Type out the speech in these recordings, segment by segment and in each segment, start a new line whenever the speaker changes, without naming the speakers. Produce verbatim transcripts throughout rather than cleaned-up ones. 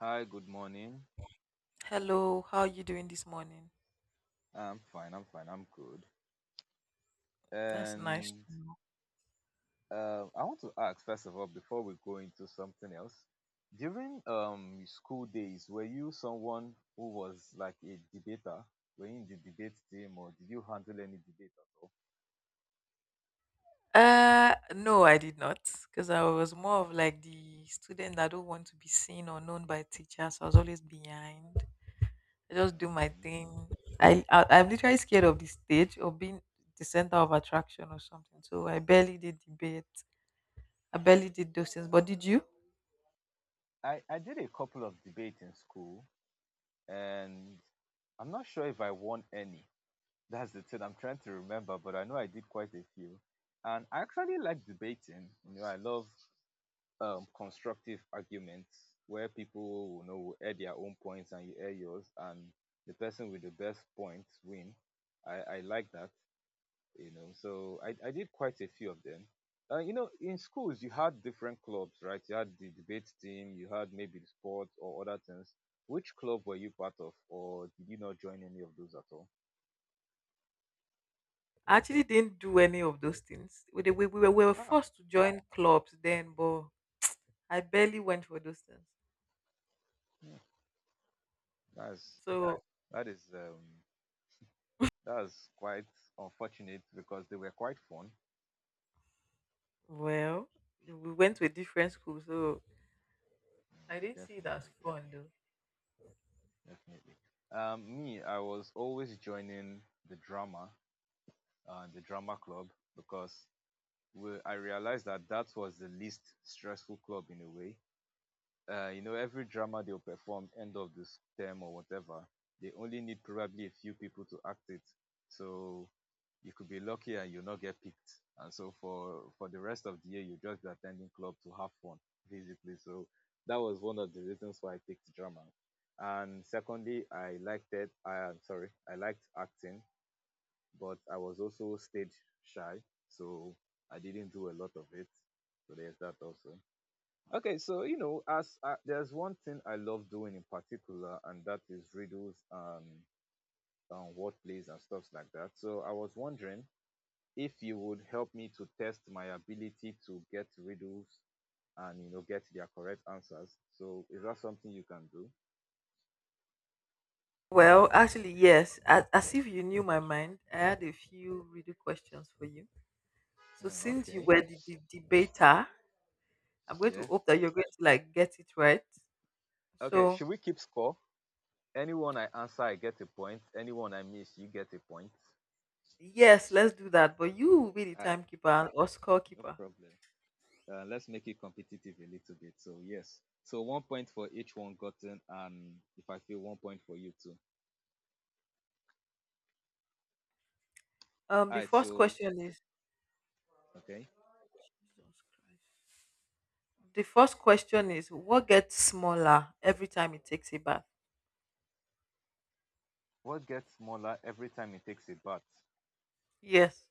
Hi, good morning.
Hello, how are you doing this morning?
I'm fine, I'm fine, I'm good.
That's nice to
And
know.
uh, I want to ask, first of all, before we go into something else, during um your school days, were you someone who was like a debater? Were you in the debate team or did you handle any debate at all?
Uh, no, I did not, because I was more of like the student that don't want to be seen or known by teachers. So I was always behind. I just do my
Okay.
thing. I, I I'm literally scared of the stage or being the center of attraction or something. So I barely did debate. I barely did those things. But did you?
I, I did a couple of debates in school, and I'm not sure if I won any. That's the thing I'm trying to remember, but I know I did quite a few. And I actually like debating. You know, I love um, constructive arguments where people will you know will add their own points and you add yours, and the person with the best points win. I, I like that, you know. So I, I did quite a few of them. Uh, you know, in schools you had different clubs, right? You had the debate team, you had maybe the sports or other things. Which club were you part of, or did you not join any of those at all?
I actually didn't do any of those things. We, we, we, were, we were
Wow,
forced to join clubs then, but I barely went for those things.
hmm, that's
So,
that is um that's quite unfortunate because they were quite fun.
well, we went to a different school, so I
Mm,
didn't see it
definitely,
as fun though.
definitely. Um, me, I was always joining the drama, uh, the drama club, because we, I realized that that was the least stressful club in a way. Uh, you know, every drama they'll perform end of this term or whatever, they only need probably a few people to act it. So you could be lucky and you not get picked. And so for for the rest of the year, you just be attending club to have fun, basically. So that was one of the reasons why I picked drama. And secondly, I liked it. I am sorry, I liked acting, but I was also stage shy, so I didn't do a lot of it. So there's that also. Okay, so you know, as I, there's one thing I love doing in particular, and that is riddles and um, wordplays and stuff like that. So I was wondering if you would help me to test my ability to get riddles and you know get their correct answers. So is that something you can do?
Well, actually, yes. As, as if you knew my mind, I had a few riddle questions for you. So,
Yeah,
since you
okay.
were the, the debater, I'm going to
Yeah.
hope that you're going to like get it right.
Okay.
So,
Should we keep score? Anyone I answer, I get a point. Anyone I miss, you get a point.
yes, let's do that. But you will be the
All right.
timekeeper or
No
scorekeeper.
problem. Uh, let's make it competitive a little bit. So yes. So one point for each one gotten, and if I feel one point for you too.
Um,
All
the
right.
first
So
question is
okay.
Jesus Christ. The first question is, what gets smaller every time it takes a bath?
What gets smaller every time it takes a bath?
Yes.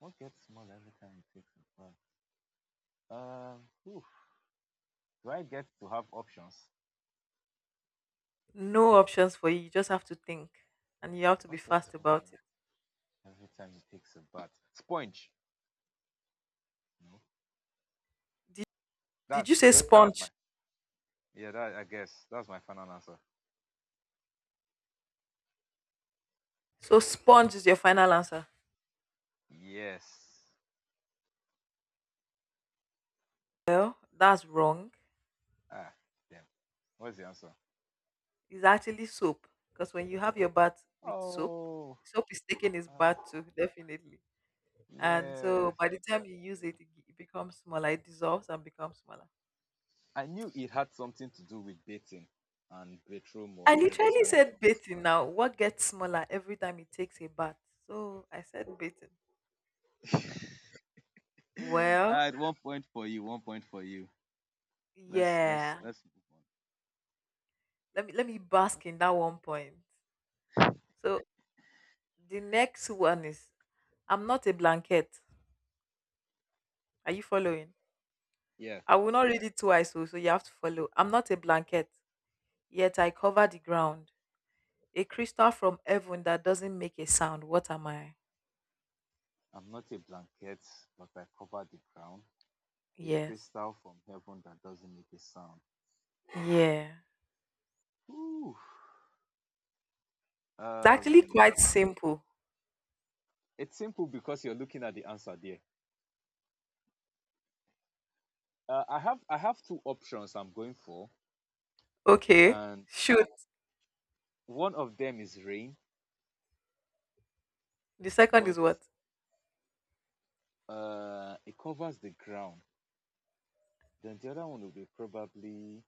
What gets smaller every time it takes a bath? Um, oof, do I get to have options?
No options for you. You just have to think and you have to be
What gets
fast about
more
it.
every time he takes a bath? Sponge. No. That
Did you say
that that's my
sponge?
Yeah. That I guess that's my final answer.
So sponge is your final answer.
Yes.
Well, that's wrong.
Ah, damn. What's the answer?
It's actually soap. Because when you have your bath with soap,
Oh,
soap is taking its
ah,
bath too, definitely. And so
yes.
by the time
That's
you use it,
true.
it becomes smaller. It dissolves and becomes smaller.
I knew it had something to do with dating and bedroom or
I
you know those
literally
kind of
said bathing now. What gets smaller every time it takes a bath? So I said bathing.
things. All
Well,
right, one point for you. One point for you. Let's let's
yeah.
let's move on.
Let me let me bask in that one point. So the next one is, I'm not a blanket. Are you following?
Yeah.
I will not read it twice, so, so you have to follow. I'm not a blanket, yet I cover the ground. A crystal from heaven that doesn't make a sound. What am I?
I'm not a blanket, but I cover the ground. A
Yes.
crystal from heaven that doesn't make a sound.
Yeah.
Whew.
It's actually
Um,
quite simple.
it's simple because you're looking at the answer there. Uh, I have I have two options I'm going for,
Okay.
and
Shoot.
one of them is rain,
The second
but
is what?
uh, it covers the ground. Then the other one will be probably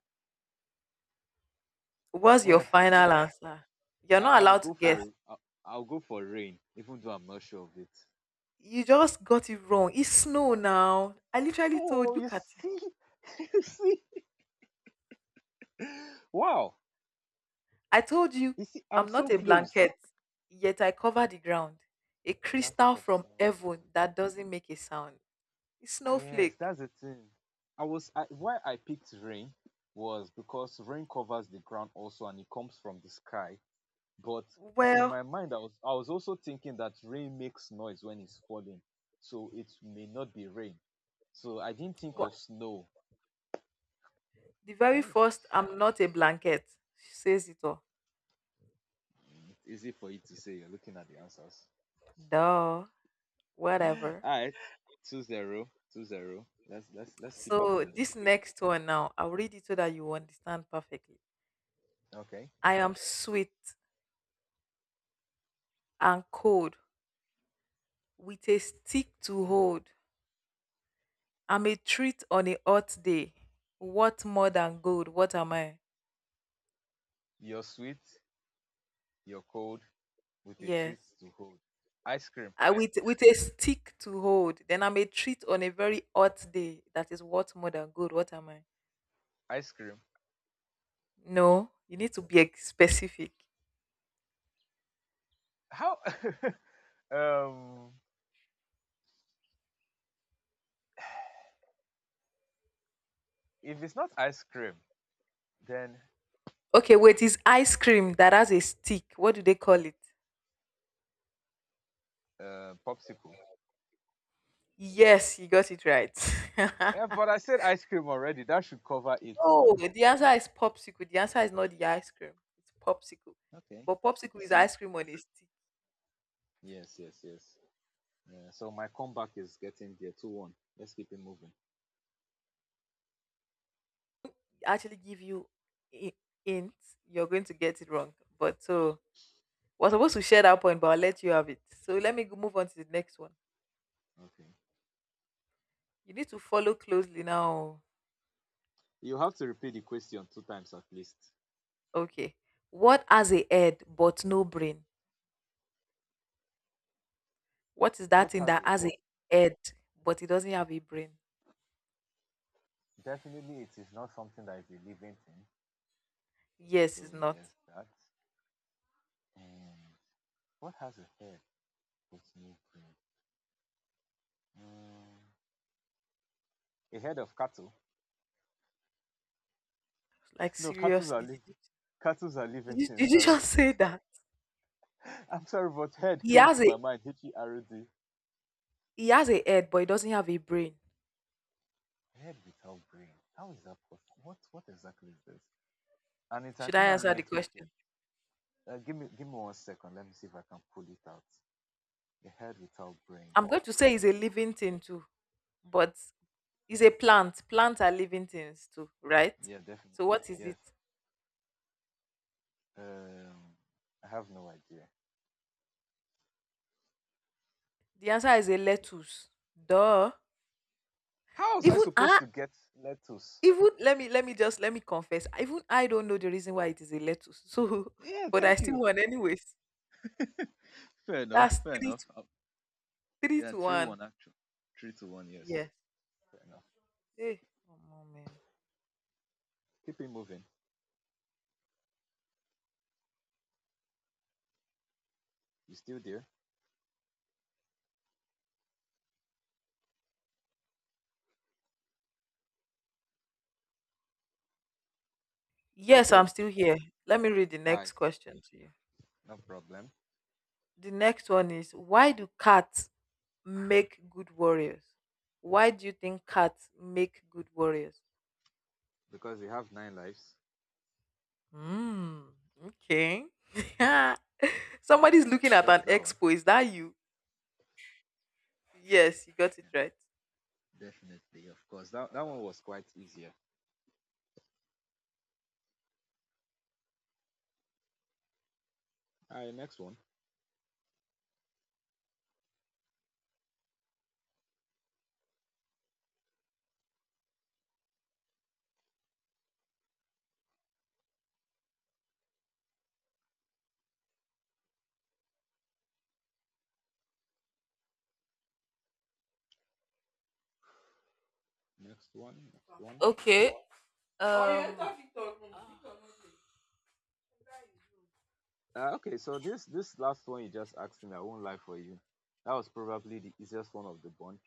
What's your
uh, I
final
don't.
answer? You're
I,
not
I'll
allowed to
go
guess.
for I'll, I'll go for rain, even though I'm not sure of it.
You just got it wrong. It's snow now. I literally
Oh,
told
you
look at it.
see, you see. Wow,
I told you,
you see, I'm
I'm
so
not a
close.
blanket, yet I cover the ground. A
Blanket
crystal
of
from
snow.
heaven that doesn't make a sound. It's
Yes,
snowflake.
that's the thing. I was I, why I picked rain was because rain covers the ground also and it comes from the sky. But in
Well,
my mind, I was I was also thinking that rain makes noise when it's falling, so it may not be rain. So I didn't think
but
of snow.
the very
Oh,
first, I'm not a blanket. She says it all.
it's easy for you to say. You're looking at the answers.
Duh.
All
Whatever.
right, two zero, two zero. Let's let's let's keep it
So
moving.
this next one now, I'll read it so that you understand perfectly.
Okay,
I am sweet and cold with a stick to hold. I'm a treat on a hot day. What more than gold? What am I?
you're sweet. your cold with a treat
Yes.
to hold. Ice cream,
I, with with a stick to hold. Then I'm a treat on a very hot day. That is what more than gold. What am I?
ice cream.
No, you need to be ex- specific.
How? um, if it's not ice cream, then
Okay, wait. Is ice cream that has a stick? What do they call it?
uh, popsicle.
Yes, you got it right. No,
Yeah, but I said ice cream already. That should cover it now.
the answer is popsicle. The answer is not the ice cream. It's popsicle,
Okay.
but
You
popsicle is
see?
ice cream on a stick.
Yes, yes, yes. Yeah, so my comeback is getting there. Two one. Let's keep it moving.
Actually give you i- hints, you're going to get it wrong. But so we're supposed to share that point, but I'll let you have it. So let me go move on to the next one.
Okay.
You need to follow closely now.
You have to repeat the question two times at least.
Okay. What has a head but no brain? What is that
What
thing
has
that
a
has a
head?
head but it doesn't have a brain?
Definitely, it is not something that is a living thing.
Yes,
So
it's not.
there's that. And what has a head? A head of cattle?
Like
No, cattle are
seriously, did
living.
you,
Cattle are living
did you,
things.
did you
Sorry,
just say that?
I'm sorry, but head
He
came
has
to
a
my mind. H e r d.
he has a head, but he doesn't have a brain.
Head without brain. How is that possible? What What exactly is this? And it's an
Should I answer the
inanimate object.
question?
Uh, give me Give me one second. Let me see if I can pull it out. A head without brain.
I'm going to say he's a
Head.
living thing too, but it's a plant. Plants are living things too, right?
Yeah,
So
definitely.
what is
Yes.
it?
Um, I have no idea.
The answer is a lettuce. Duh.
How was I
Even
supposed
I
to get lettuce?
even let me let me just let me confess. Even I don't know the reason why it is a lettuce. So
Yeah,
but I
thank
still
you.
won anyways.
Fair enough.
That's
Fair
three to
enough.
three
Yeah,
to
three
one.
one actually. Three to one, yes.
Yes.
Fair enough.
Hey, omo, man.
Keep it moving. You still there?
Yes, I'm
Okay.
still here. Let me read the
All right.
next question to you.
No problem.
The next one is, why do cats make good warriors? Why do you think cats make good warriors?
Because you have nine lives.
Mm, okay. Somebody's looking
I
at
got
an
that one.
expo. Is that you? Yes, you got it right.
Yeah, definitely, of course. that, that one was quite easier. All right. Next one. Next one. Next one.
Okay. Um.
Uh, okay. So this this last one you just asked me, I won't lie for you. That was probably the easiest one of the bunch.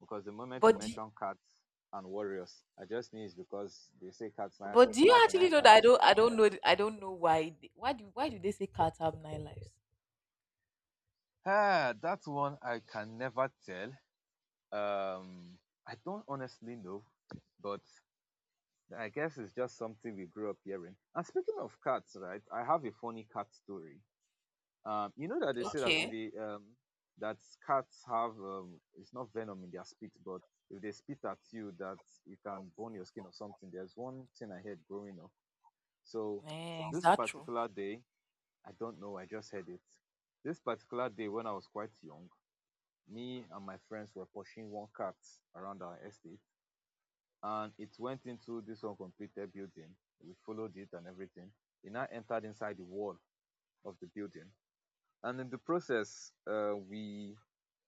Because the moment you
But do,
mention cats and warriors, I just knew it's because they say cats now
but do you
have
actually
nine
know that I
lives.
don't I don't know th- I don't know why they, why do why do they say cats have nine lives?
Ah, that one I can never tell. Um, I don't honestly know, but I guess it's just something we grew up hearing. And speaking of cats, right? I have a funny cat story. Um, you know that they say that if
Okay.
you, um that cats have um it's not venom in their spit, but if they spit at you, that you can burn your skin or something. There's one thing I heard growing up. So
Eh, is
this
that true?
particular day, I don't know. I just heard it. This particular day when I was quite young, me and my friends were pushing one cart around our estate, and it went into this uncompleted building. We followed it and everything. It now entered inside the wall of the building. And in the process, uh, we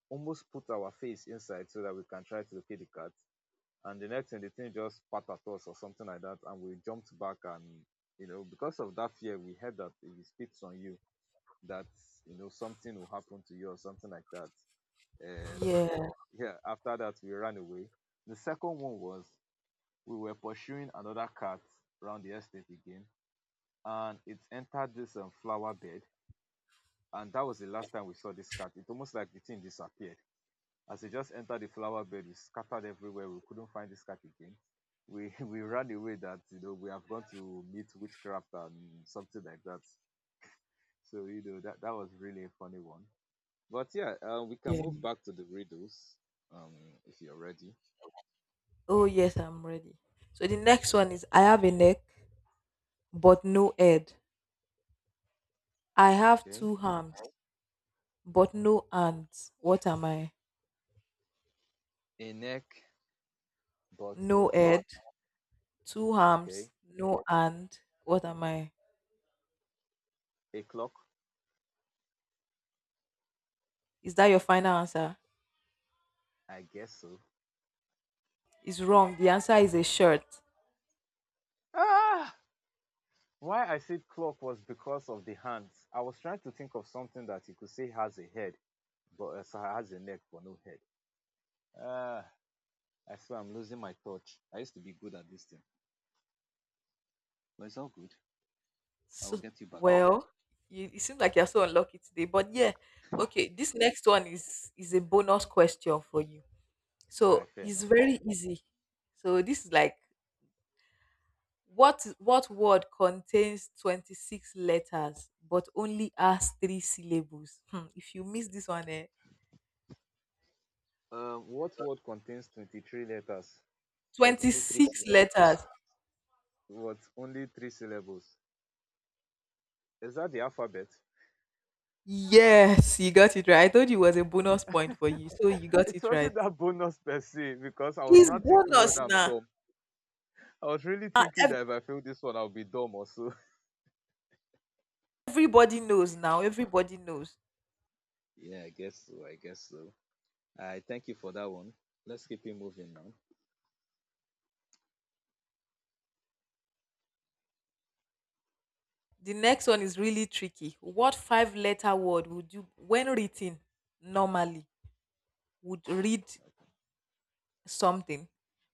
almost put our face inside so that we can try to locate the cat. And the next thing, the thing just spat at us or something like that. And we jumped back. And, you know, because of that fear, we heard that if it spits on you, that, you know, something will happen to you or something like that. And
Yeah.
yeah, after that, we ran away. The second one was, we were pursuing another cat around the estate again, and it entered this um, flower bed. And that was the last time we saw this cat. It almost like the thing disappeared. As it just entered the flower bed, it scattered everywhere. We couldn't find this cat again. We we ran away that you know we have gone to meet witchcraft and something like that. So you know that that was really a funny one. But yeah, uh, we can move
Yeah.
back to the riddles um, if you're ready.
Oh yes, I'm ready. So the next one is, I have a neck but no head. I have
Okay.
two arms but no hands. What am I?
A neck, but no
No
head.
head, two
Okay.
arms, no hand. What am I?
A clock.
Is that your final answer?
I guess so.
It's wrong. The answer is a shirt.
Ah! Why I said clock was because of the hands. I was trying to think of something that you could say has a head, but uh, so has a neck but no head. Ah! I swear I'm losing my touch. I used to be good at this thing, but it's all good. I will
So,
get you back.
well, you, it seems like you're so unlucky today. But yeah, okay. This next one is is a bonus question for you.
Ah,
So
fair
it's
enough.
very easy. So this is like what what word contains twenty six letters but only has three syllables? Hmm, if you miss this one, eh,
Um, what word contains twenty-three letters but
twenty
only three
six
syllab-
letters.
but only three syllables? Is that the alphabet?
Yes, you got it right. I told you it was a bonus point for you, so you got
It
it right.
wasn't that bonus per se because I was
It's
not thinking whether
bonus
I'm
now.
dumb. I was really
Ah,
thinking
ev-
that if I fail this one, I'll be dumb or so.
everybody knows now. Everybody knows.
Yeah, I guess so. I guess so. I thank you for that one. Let's keep it moving now.
The next one is really tricky. What five-letter word would you, when written normally, would read something?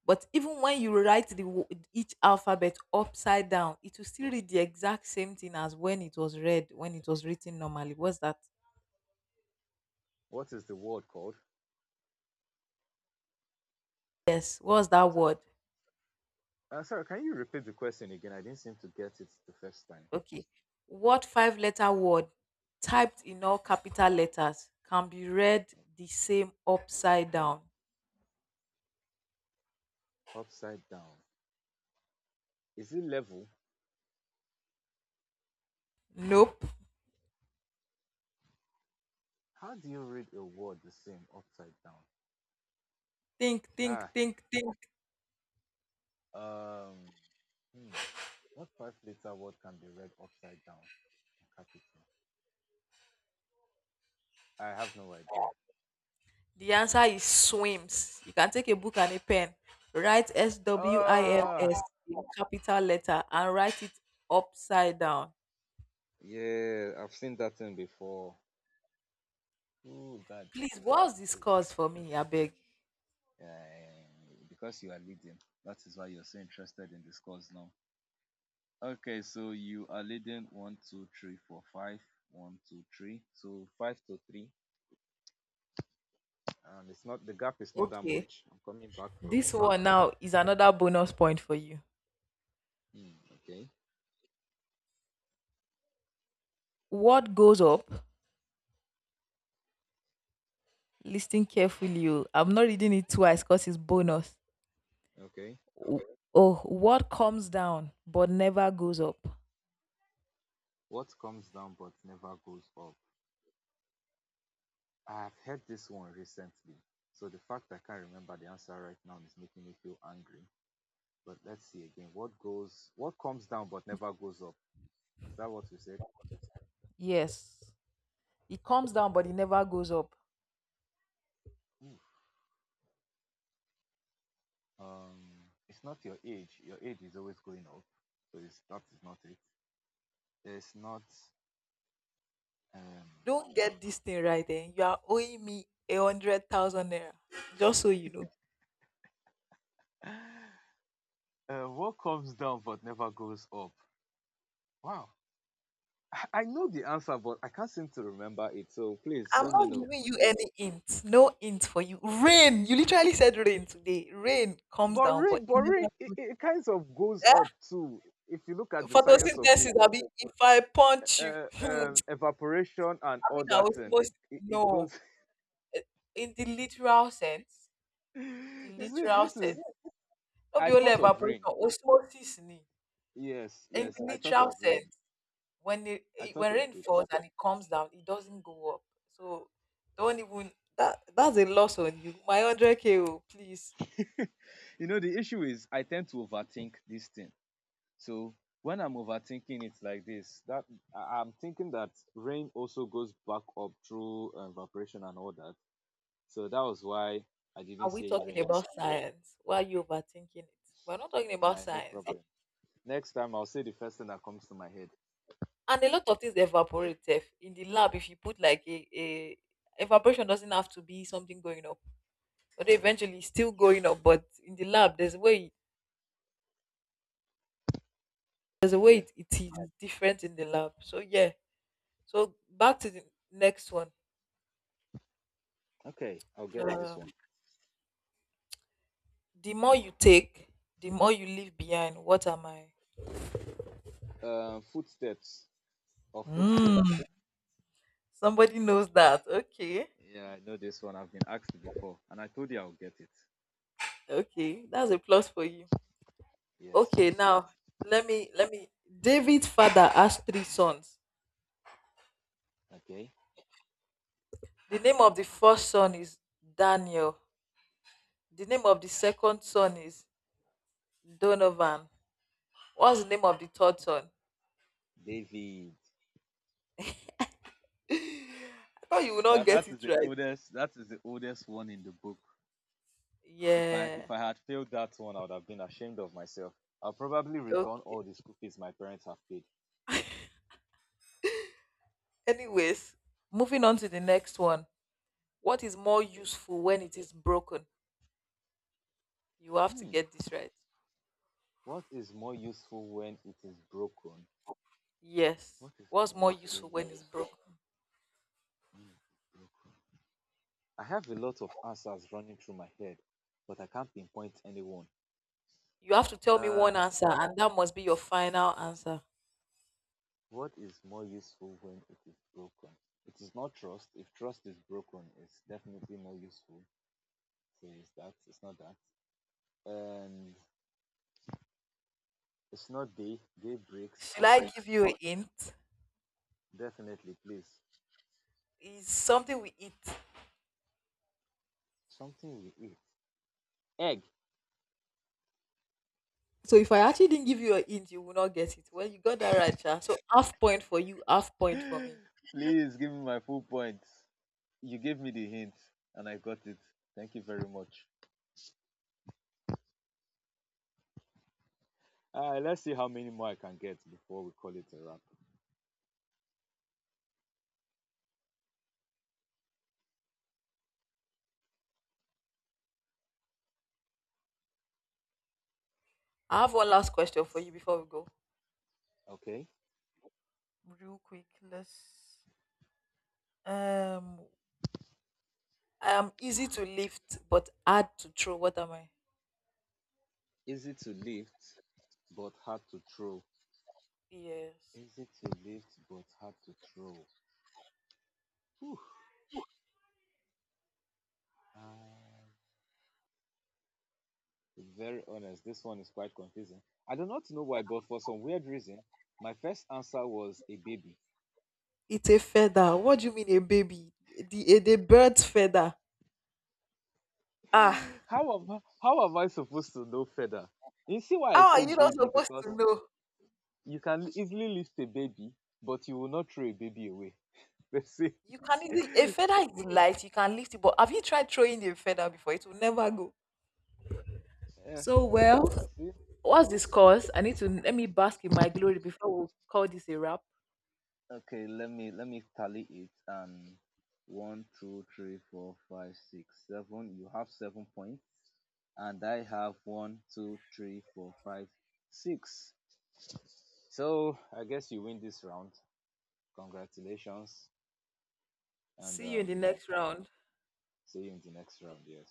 But even when you write the wo- each alphabet upside down, it will still read the exact same thing as when it was read, when it was written normally. What's that?
What is the word called?
Yes, what's that
So,
word?
uh, sorry, can you repeat the question again? I didn't seem to get it the first time.
Okay. What five letter word typed in all capital letters can be read the same upside down?
Upside down. Is it level?
Nope.
How do you read a word the same upside down?
Think, think,
Ah,
think, think.
um, hmm. What five letter word can be read upside down in capital? I have no idea.
The answer is swims. You can take a book and a pen, write S W I M S
Ah,
in capital letter and write it upside down.
yeah, I've seen that thing before. Oh God,
Please, what's this
it's,
cause for me? I beg.
uh, because you are leading, that is why you're so interested in this course now. Okay, so you are leading one, two, three, four, five, one, two, three. So five to three, and it's not the gap is not that
Okay.
much. I'm coming back for you.
This one now is another bonus point for you.
Hmm, okay,
What goes up Listen carefully. You. I'm not reading it twice because it's bonus.
okay.
W- Oh, what comes down but never goes up?
What comes down but never goes up? I have heard this one recently. So the fact I can't remember the answer right now is making me feel angry. But let's see again. What goes, what comes down but never goes up? Is that what you said?
Yes. It comes down but it never goes up.
Oof. Um, it's not your age. Your age is always going up, so it's, that is not it. It's not. Um,
Don't get this thing right then. You are owing me a hundred thousand naira. Just so you know.
uh, what comes down but never goes up? Wow. I know the answer, but I can't seem to remember it. So please
I'm
let me
not
know.
giving you
Yeah.
any hint. No hint for you. Rain. You literally said rain today. Rain comes
But
down, but
rain,
it
but rain,
never
it, it kind of goes up too. If you look at the science of
photosynthesis.
it,
I mean, if I punch you,
uh,
I mean
um, evaporation and all
I
that
was
thing, it,
most
it, it
no.
goes
Eh, in the literal sense, the
you see,
literal
this is
sense. Not be
I
only
thought of
evaporation,
rain.
osmosis ni.
Yes,
In
yes,
the
I thought
literal
of rain.
sense, when it,
I
it-
thought
when
of
rain
it.
falls and it comes down, it doesn't go up. So don't even that that's a loss on you. My hundred K oh, please.
You know, the issue is I tend to overthink this thing. So when I'm overthinking it like this, that I- I'm thinking that rain also goes back up through uh, evaporation and all that. So that was why I didn't
Are we
say
talking
rain.
about science? Why are you overthinking it? We're not talking about
Uh, no
science.
problem. Next time I'll say the first thing that comes to my head.
And a lot of things evaporate. Sef. In the lab, if you put like a, a evaporation doesn't have to be something going up. But eventually it's still going up. But in the lab, there's a way there's a way
Yeah.
it, it is different in the lab. So yeah. So back to the next one.
Okay. I'll get to this
Uh,
one.
the more you take, the more you leave behind. What am I?
Uh, footsteps or
Mm,
footprints.
somebody knows that. Okay.
Yeah, I know this one. I've been asked before, and I told you I'll get it.
Okay. That's a plus for you.
Yes.
Okay, now let me let me. David's father has three sons.
Okay,
The name of the first son is Daniel. The name of the second son is Donovan. What's the name of the third son?
David.
I thought you would not
That
get
that is
it
the
right.
oldest. That is the oldest one in the book. If I if
Yeah.
I had failed that one, I would have been ashamed of myself. I'll probably return
Okay.
all the school fees my parents have paid.
Anyways, moving on to the next one. What is more
Okay.
useful when it is broken? You have to
Hmm.
get this right.
What is more useful when it is broken?
Yes.
What is
What's
more
more
useful
useful when
when,
it's broken?
when it is broken? I have a lot of answers running through my head, but I can't pinpoint anyone.
You have to tell me one
uh,
answer, and that must be your final answer.
What is more useful when it is broken? It is not trust. If trust is broken, it's definitely more useful. So it's that. It's not that. And it's not day. Day breaks,
Should
but
I give you a hint?
definitely, please,
It's something we eat.
something we eat. Egg.
So if I actually didn't give you a hint, you will not get it. Well, you got that right, Sha. So half point for you, half point for me.
Please give me my full points. You gave me the hint and I got it. Thank you very much. Uh, let's see how many more I can get before we call it a wrap.
I have one last question for you before we go.
Okay.
Real quick, let's. Um, I am easy to lift but hard to throw. What am I?
Easy to lift, but hard to throw.
Yes.
Easy to lift but hard to throw. Whew. Um, to be very honest, this one is quite confusing. I do not know why, but for some weird reason, my first answer was a baby.
It's a feather. What do you mean, a baby? The a, the bird's feather. Ah,
how am I, how am I supposed to know feather? You see why I
how are
say
you not
baby
supposed
because
to know?
you can easily lift a baby, but you will not throw a baby away. Let's see.
You can easily A feather is light, you can lift it, but have you tried throwing a feather before? It will never go.
Yeah,
So well,
you see,
what's this course? I need to Let me bask in my glory before we call this a wrap.
okay, let me let me tally it, and one, two, three, four, five, six, seven. You have seven points, and I have one, two, three, four, five, six. So I guess you win this round. Congratulations, and
See you in the
um,
next round.
see you in the next round. Yes.